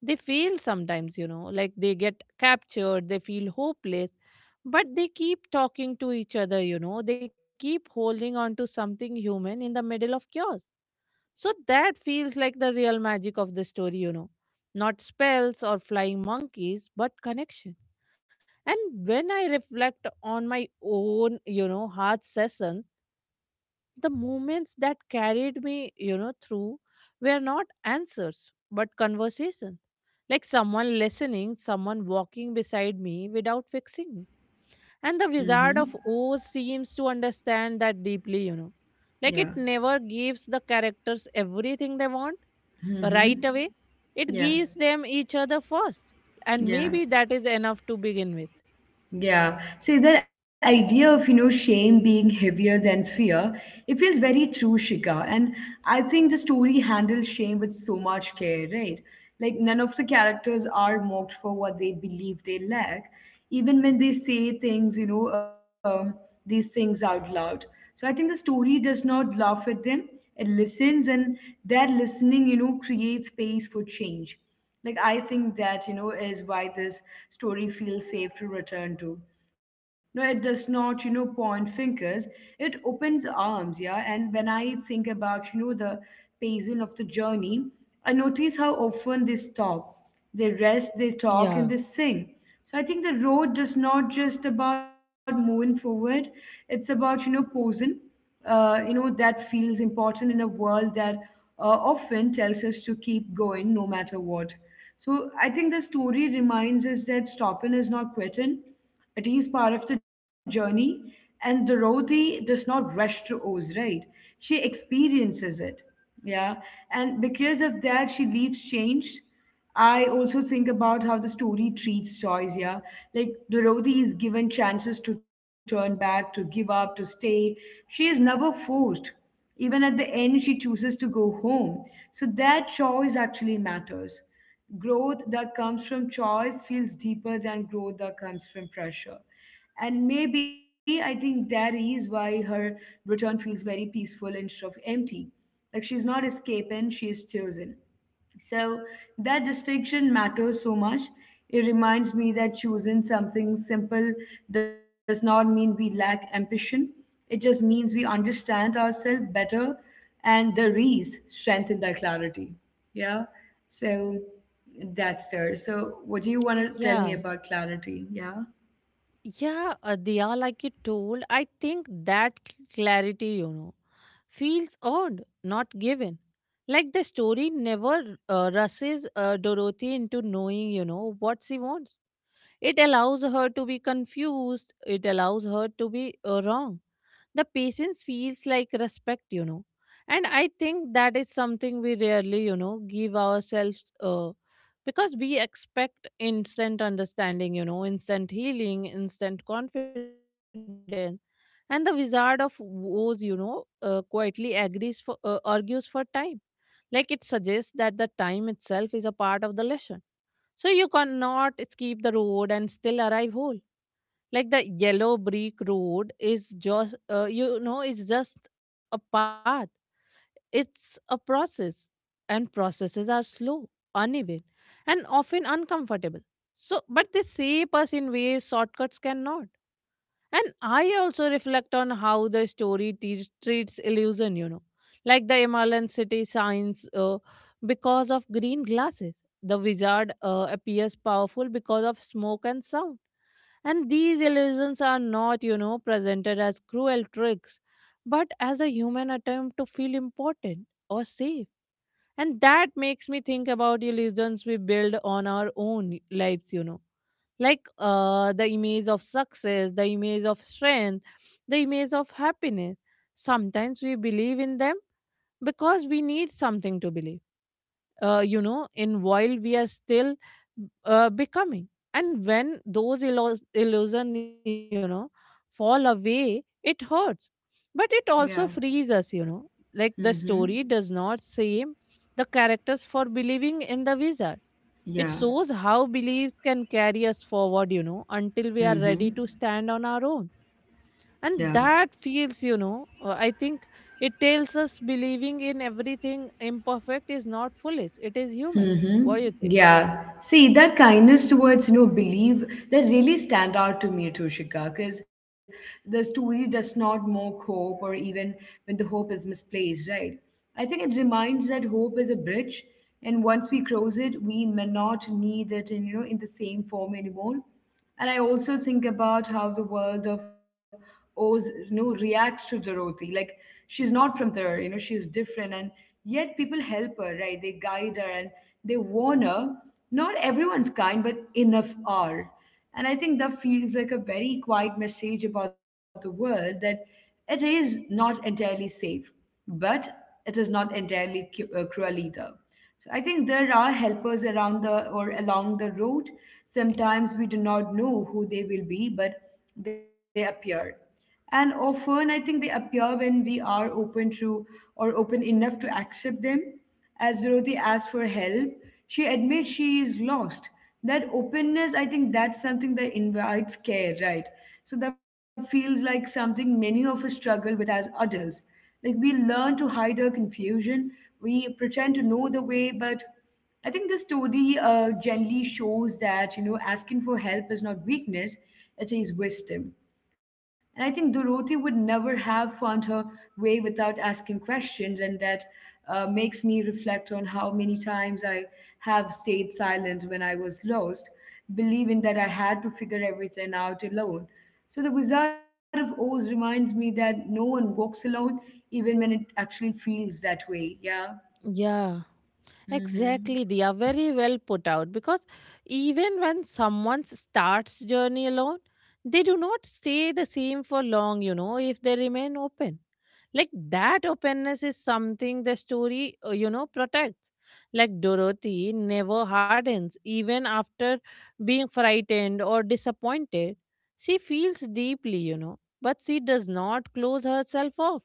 S2: They fail sometimes, you know, like they get captured, they feel hopeless, but they keep talking to each other, you know, they keep holding on to something human in the middle of chaos. So that feels like the real magic of the story, you know. Not spells or flying monkeys, but connection. And when I reflect on my own, you know, heart sessions, the moments that carried me, you know, through were not answers but conversation. Like someone listening, someone walking beside me without fixing me. And the
S1: Mm-hmm.
S2: Wizard of Oz seems to understand that deeply, you know. Like
S1: Yeah.
S2: it never gives the characters everything they want right
S1: Mm-hmm.
S2: away, it
S1: Yeah,
S2: gives them each other first. And
S1: yeah,
S2: maybe that is enough to begin with.
S1: yeah. See, that idea of shame being heavier than fear, it feels very true, Shika. And I think the story handles shame with so much care, right? Like, none of the characters are mocked for what they believe they lack, even when they say things, these things out loud. So I think the story does not laugh at them, it listens, and that listening creates space for change. Like I think that is why this story feels safe to return to. No, it does not point fingers. It opens arms, yeah. And when I think about the pacing of the journey, I notice how often they stop, they rest, they
S2: Yeah.
S1: talk, and they sing. So I think the road does not just about moving forward. It's about posing that feels important in a world that often tells us to keep going no matter what. So I think the story reminds us that stopping is not quitting. It is part of the journey. And Dorothy does not rush to Oz, right? She experiences it. Yeah. And because of that, she leaves changed. I also think about how the story treats choice, yeah. Like Dorothy is given chances to turn back, to give up, to stay. She is never forced. Even at the end, she chooses to go home. So that choice actually matters. Growth that comes from choice feels deeper than growth that comes from pressure. And maybe I think that is why her return feels very peaceful instead of empty. Like she's not escaping, she is chosen. So that distinction matters so much. It reminds me that choosing something simple does not mean we lack ambition. It just means we understand ourselves better and the rees strengthen that clarity. Yeah. So that's there. So what do you want to tell me
S2: Yeah.
S1: about clarity? Yeah.
S2: Yeah, they are like you told. I think that clarity, you know, feels earned, not given. Like the story never rushes Dorothy into knowing, you know, what she wants. It allows her to be confused, it allows her to be wrong. The patience feels like respect, you know. And I think that is something we rarely, you know, give ourselves because we expect instant understanding, you know, instant healing, instant confidence. And the Wizard of Woes, you know, quietly agrees for argues for time, like it suggests that the time itself is a part of the lesson, so you cannot skip the road and still arrive whole. Like the yellow brick road is just, you know, it's just a path. It's a process, and processes are slow, uneven, and often uncomfortable. So, but they shape us in ways shortcuts cannot. And I also reflect on how the story treats illusion, you know, like the Himalayan city signs because of green glasses. The wizard appears powerful because of smoke and sound. And these illusions are not, you know, presented as cruel tricks, but as a human attempt to feel important or safe. And that makes me think about illusions we build on our own lives, you know, like the image of success, the image of strength, the image of happiness. Sometimes we believe in them because we need something to believe, you know, in, while we are still becoming. And when those illusion, you know, fall away, it hurts. But it also frees
S1: Yeah.
S2: us, you know. Like the story
S1: Mm-hmm.
S2: does not shame the characters for believing in the wizard. It
S1: Yeah.
S2: shows how beliefs can carry us forward, you know, until we are ready
S1: Mm-hmm.
S2: to stand on our own.
S1: Yeah.
S2: And that feels, you know, I think it tells us believing in everything imperfect is not foolish, it is human.
S1: Mm-hmm.
S2: What do you think?
S1: Yeah. See, that kindness towards belief that really stand out to me, Toshika, because the story does not mock hope or even when the hope is misplaced, right? I think it reminds that hope is a bridge, and once we cross it, we may not need it in the same form anymore. And I also think about how the world of Oz reacts to Dorothy. Like she's not from there she's different, and yet people help her, right? They guide her and they warn her. Not everyone's kind, but enough are. And I think that feels like a very quiet message about the world that it is not entirely safe, but it is not entirely cruel either. So I think there are helpers around the or along the road. Sometimes we do not know who they will be, but they appear. And often I think they appear when we are open to or open enough to accept them. As Dorothy asked for help, she admits she is lost. That openness, I think that's something that invites care, right? So that feels like something many of us struggle with as adults. Like we learn to hide our confusion, we pretend to know the way, but I think this story generally shows that asking for help is not weakness; it is wisdom. And I think Dorothy would never have found her way without asking questions, and that makes me reflect on how many times I have stayed silent when I was lost, believing that I had to figure everything out alone. So the Wizard of Oz reminds me that no one walks alone, even when it actually feels that way. Yeah.
S2: Yeah. Exactly, they are
S1: Mm-hmm.
S2: very well put out, because even when someone starts journey alone, they do not stay the same for long, you know, if they remain open. Like that openness is something the story, you know, protects. Like Dorothy never hardens even after being frightened or disappointed. She feels deeply, you know, but she does not close herself off.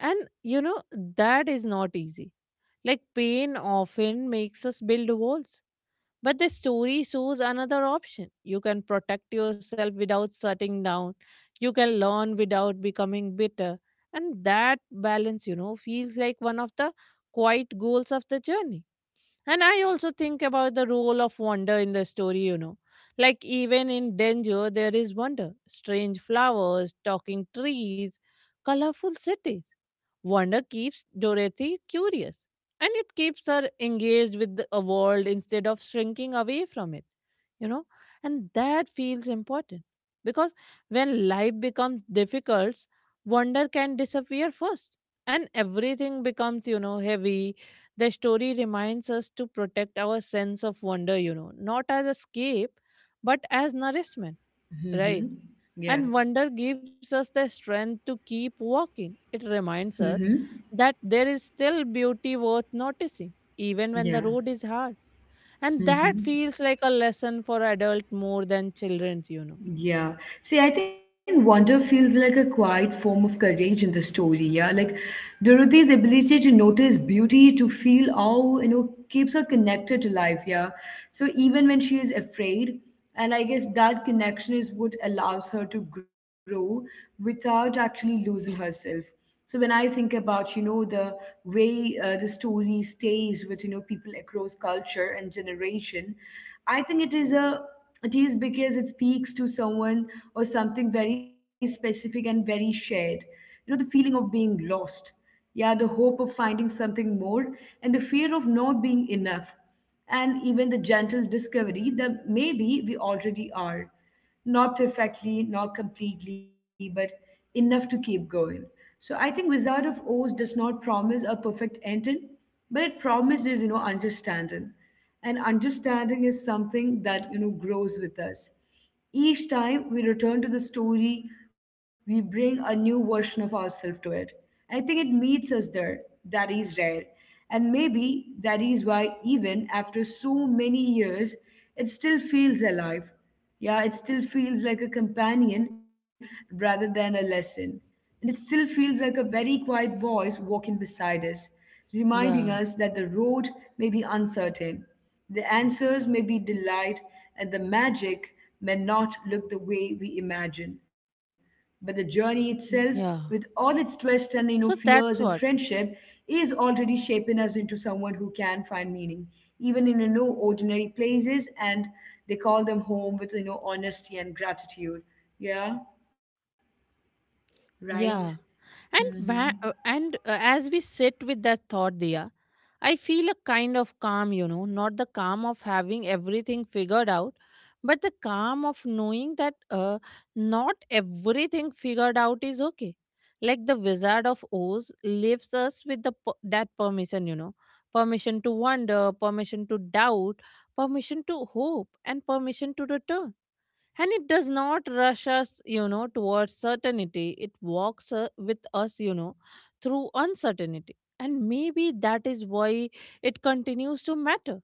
S2: And, you know, that is not easy, like pain often makes us build walls. But the story shows another option. You can protect yourself without shutting down. You can learn without becoming bitter. And that balance, you know, feels like one of the quiet goals of the journey. And I also think about the role of wonder in the story, you know. Like even in danger, there is wonder. Strange flowers, talking trees, colorful cities. Wonder keeps Dorothy curious and it keeps her engaged with a world instead of shrinking away from it, you know, and that feels important because when life becomes difficult, wonder can disappear first and everything becomes, you know, heavy. The story reminds us to protect our sense of wonder, you know, not as escape but as nourishment, right?
S1: Mm-hmm.
S2: And wonder
S1: Yeah.
S2: gives us the strength to keep walking. It reminds us
S1: Mm-hmm.
S2: that there is still beauty worth noticing, even when the road
S1: Yeah.
S2: is hard. And that feels
S1: Mm-hmm.
S2: like a lesson for adults more than children's, you know.
S1: Yeah. See, I think wonder feels like a quiet form of courage in the story. Yeah. Like Dorothy's ability to notice beauty, to feel awe keeps her connected to life. Yeah. So even when she is afraid, and I guess that connection is what allows her to grow without actually losing herself. So when I think about the way the story stays with people across culture and generation, I think it is because it speaks to someone or something very specific and very shared. The feeling of being lost. Yeah, the hope of finding something more and the fear of not being enough. And even the gentle discovery that maybe we already are. Not perfectly, not completely, but enough to keep going. So I think Wizard of Oz does not promise a perfect ending, but it promises understanding. And understanding is something that grows with us. Each time we return to the story, we bring a new version of ourselves to it. I think it meets us there. That is rare. And maybe that is why, even after so many years, it still feels alive. Yeah, it still feels like a companion rather than a lesson. And it still feels like a very quiet voice walking beside us, reminding us that the road
S2: Yeah,
S1: may be uncertain, the answers may be delight, and the magic may not look the way we imagine. But the journey itself, with
S2: yeah,
S1: all its twists and
S2: so
S1: fears and
S2: that's what.
S1: friendship, is already shaping us into someone who can find meaning, even in ordinary places, and they call them home with honesty and gratitude. Yeah, right.
S2: Yeah, And
S1: hmm
S2: wha- uh, and uh, as we sit with that thought, Dia, I feel a kind of calm, you know, not the calm of having everything figured out, but the calm of knowing that not everything figured out is okay. Like the Wizard of Oz leaves us with that permission, you know, permission to wonder, permission to doubt, permission to hope, and permission to return. And it does not rush us, you know, towards certainty. It walks with us, you know, through uncertainty. And maybe that is why it continues to matter.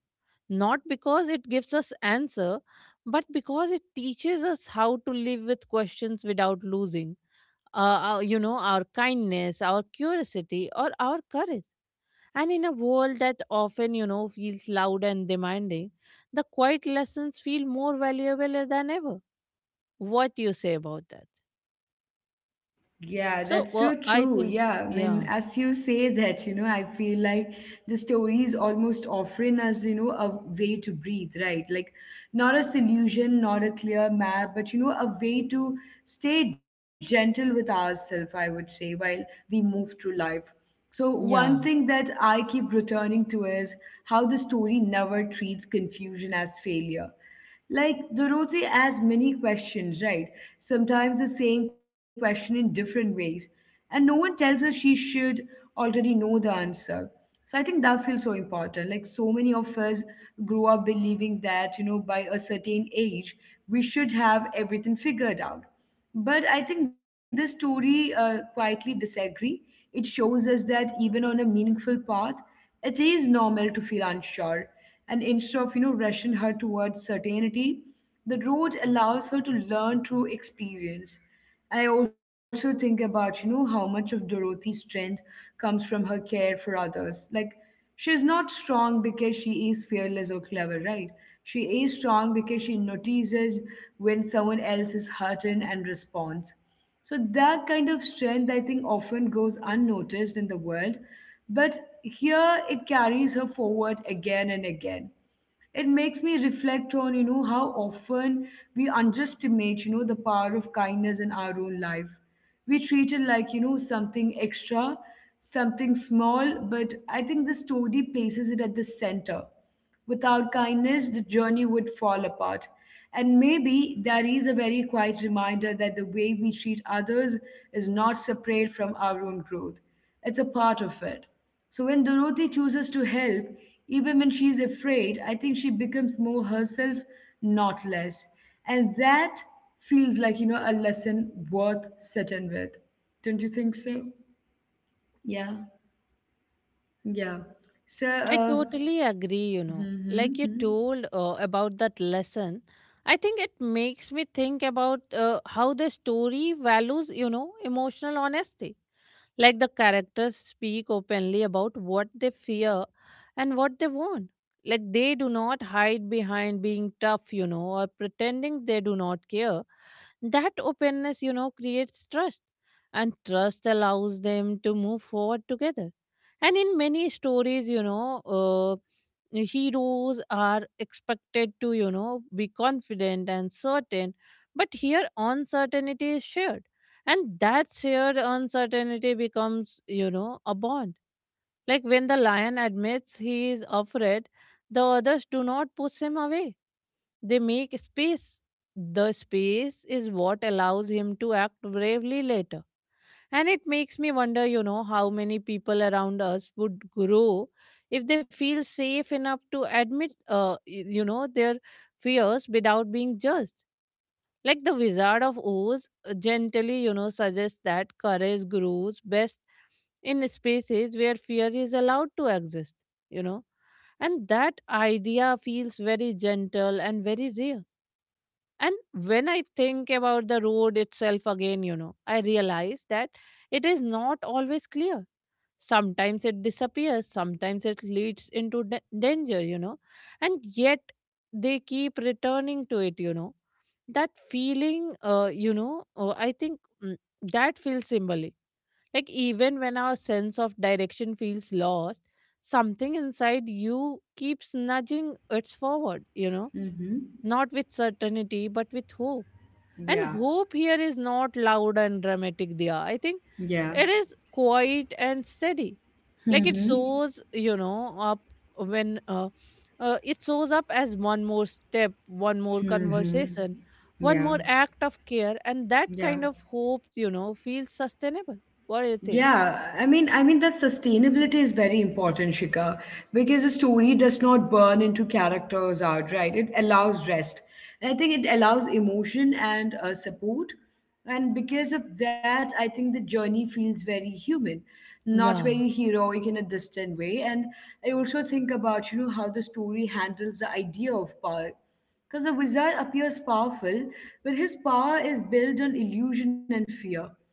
S2: Not because it gives us answer, but because it teaches us how to live with questions without losing, you know, our kindness, our curiosity, or our courage. And in a world that often, you know, feels loud and demanding, the quiet lessons feel more valuable than ever. What do you say about that?
S1: Yeah,
S2: So,
S1: that's so
S2: well, I
S1: true.
S2: think,
S1: Yeah, I mean,
S2: yeah,
S1: as you say that, I feel like the story is almost offering us, a way to breathe, right? Like, not a solution, not a clear map, but, a way to stay gentle with ourselves, I would say, while we move through life. So, one
S2: yeah,
S1: thing that I keep returning to is how the story never treats confusion as failure. Like Dorothy asks many questions, right? Sometimes the same question in different ways. And no one tells her she should already know the answer. So I think that feels so important. Like so many of us grow up believing that, by a certain age, we should have everything figured out. But I think this story quietly disagree. It shows us that even on a meaningful path, it is normal to feel unsure, and instead of rushing her towards certainty, the road allows her to learn through experience. And I also think about how much of Dorothy's strength comes from her care for others. Like she is not strong because she is fearless or clever, right? She is strong because she notices when someone else is hurting and responds. So that kind of strength, I think, often goes unnoticed in the world, but here it carries her forward again and again. It makes me reflect on how often we underestimate the power of kindness in our own life. We treat it like something extra, something small, but I think the story places it at the center. Without kindness the journey would fall apart, and maybe that is a very quiet reminder that the way we treat others is not separate from our own growth. It's a part of it. So when Dorothy chooses to help, even when she is afraid, I think she becomes more herself, not less. And that feels like, a lesson worth sitting with. Don't you think so? Yeah. Yeah. So,
S2: I totally agree. You know,
S1: hmm hmm
S2: like you
S1: hmm,
S2: told about that lesson, I think it makes me think about how the story values, you know, emotional honesty. Like the characters speak openly about what they fear and what they want. Like they do not hide behind being tough, you know, or pretending they do not care. That openness, you know, creates trust. And trust allows them to move forward together. And in many stories, you know, heroes are expected to, you know, be confident and certain. But here, uncertainty is shared, and that shared uncertainty becomes, you know, a bond. Like when the lion admits he is afraid, the others do not push him away. They make space. The space is what allows him to act bravely later. And it makes me wonder, you know, how many people around us would grow if they feel safe enough to admit, you know, their fears without being judged. Like the Wizard of Oz gently, you know, suggests that courage grows best in spaces where fear is allowed to exist, you know. And that idea feels very gentle and very real, and when I think about the road itself again, you know, I realize that it is not always clear. Sometimes it disappears, sometimes it leads into danger, you know, and yet they keep returning to it, you know. That feeling, I think, mm, that feels symbolic. Like, even when our sense of direction feels lost, something inside you keeps nudging it's forward, you know,
S1: hmm, hmm.
S2: not with certainty, but with hope. And
S1: Yeah.
S2: hope here is not loud and dramatic, Diya. I think
S1: Yeah.
S2: it is quiet and steady.
S1: hmm
S2: Like it
S1: hmm
S2: shows, you know, up when it shows up as one more step, one more
S1: hmm, hmm.
S2: conversation, one
S1: Yeah.
S2: more act of care. And that
S1: Yeah.
S2: kind of hope, you know, feels sustainable. What do you think?
S1: Yeah, I mean, that sustainability is very important, Shika, because a story does not burn into characters outright. It allows rest, and I think it allows emotion and support. And because of that, I think the journey feels very human, not
S2: Yeah,
S1: very heroic in a distant way. And I also think about how the story handles the idea of power, because the wizard appears powerful, but his power is built on illusion and fear.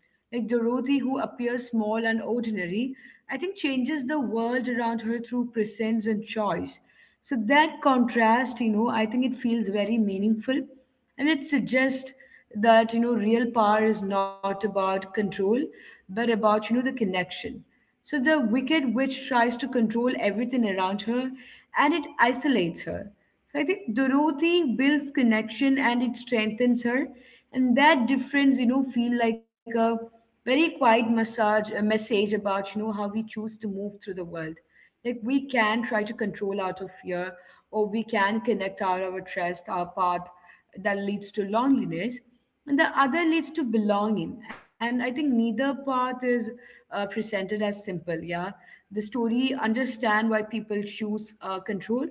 S1: Like Dorothy, who appears small and ordinary, I think changes the world around her through presence and choice. So that contrast, I think it feels very meaningful, and it suggests that real power is not about control but about the connection. So the wicked witch tries to control everything around her and it isolates her, so I think dorothy builds connection and it strengthens her. And that difference, feel like a very quiet massage, a message about how we choose to move through the world. Like we can try to control out of fear, or we can connect out of our trust, our path that leads to loneliness, and the other leads to belonging. And I think neither path is presented as simple. Yeah, the story understand why people choose control.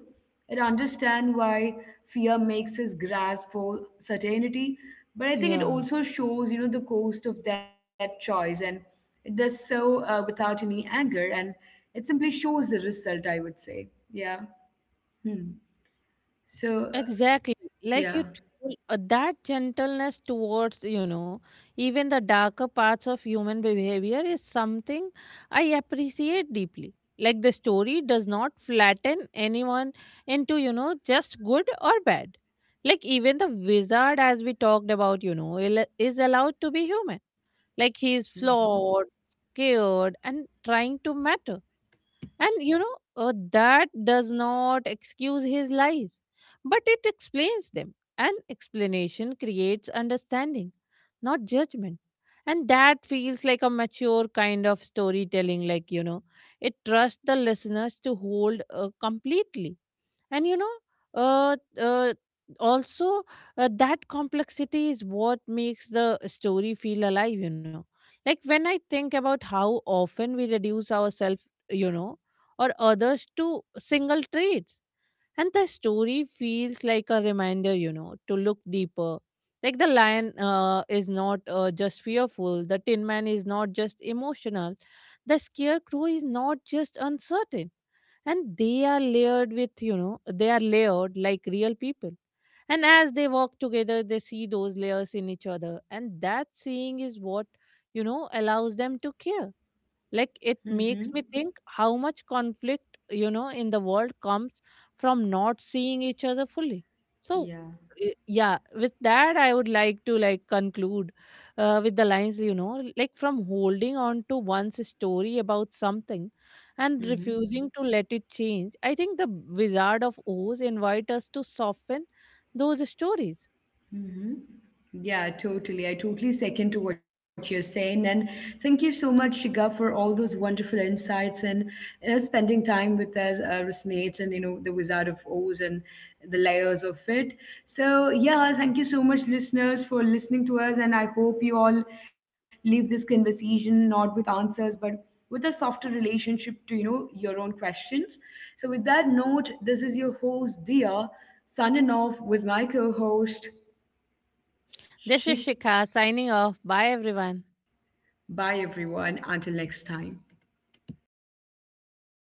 S1: It understand why fear makes us grasp for certainty, but I think it
S2: yeah.
S1: also shows, the cost of that choice, and it does so without any anger, and it simply shows the result. I would say, yeah. Hmm. So,
S2: Exactly. Like
S1: yeah.
S2: you told, that gentleness towards, you know, even the darker parts of human behavior is something I appreciate deeply. Like the story does not flatten anyone into, you know, just good or bad. Like even the wizard, as we talked about, you know, is allowed to be human. Like he is
S1: Mm-hmm.
S2: flawed, scared, and trying to matter, and you know, that does not excuse his lies, but it explains them. And explanation creates understanding, not judgment. And that feels like a mature kind of storytelling, like, you know, it trusts the listeners to hold completely, and you know, uh, uh also, that complexity is what makes the story feel alive, you know. Like when I think about how often we reduce ourselves, you know, or others to single traits, and the story feels like a reminder, you know, to look deeper. Like the lion is not just fearful, the tin man is not just emotional, the scarecrow is not just uncertain, and they are layered with, you know, they are layered like real people. And as they walk together, they see those layers in each other, and that seeing is what, you know, allows them to care. Like it
S1: Mm-hmm.
S2: makes me think how much conflict, you know, in the world comes from not seeing each other fully. So
S1: Yeah.
S2: y- yeah, with that I would like to like conclude with the lines, you know, like from holding on to one's story about something and
S1: Mm-hmm.
S2: refusing to let it change, I think the Wizard of Oz invite us to soften those stories.
S1: hmm Yeah, totally. I totally second to what you're saying. And thank you so much, Shiga, for all those wonderful insights and spending time with us, Resonate, and the Wizard of Oz and the layers of it. So yeah, thank you so much, listeners, for listening to us. And I hope you all leave this conversation not with answers, but with a softer relationship to your own questions. So with that note, this is your host, Dia, signing off with my co-host.
S2: This is
S1: Chic.
S2: Shikha signing off. Bye, everyone.
S1: Bye, everyone. Until next time.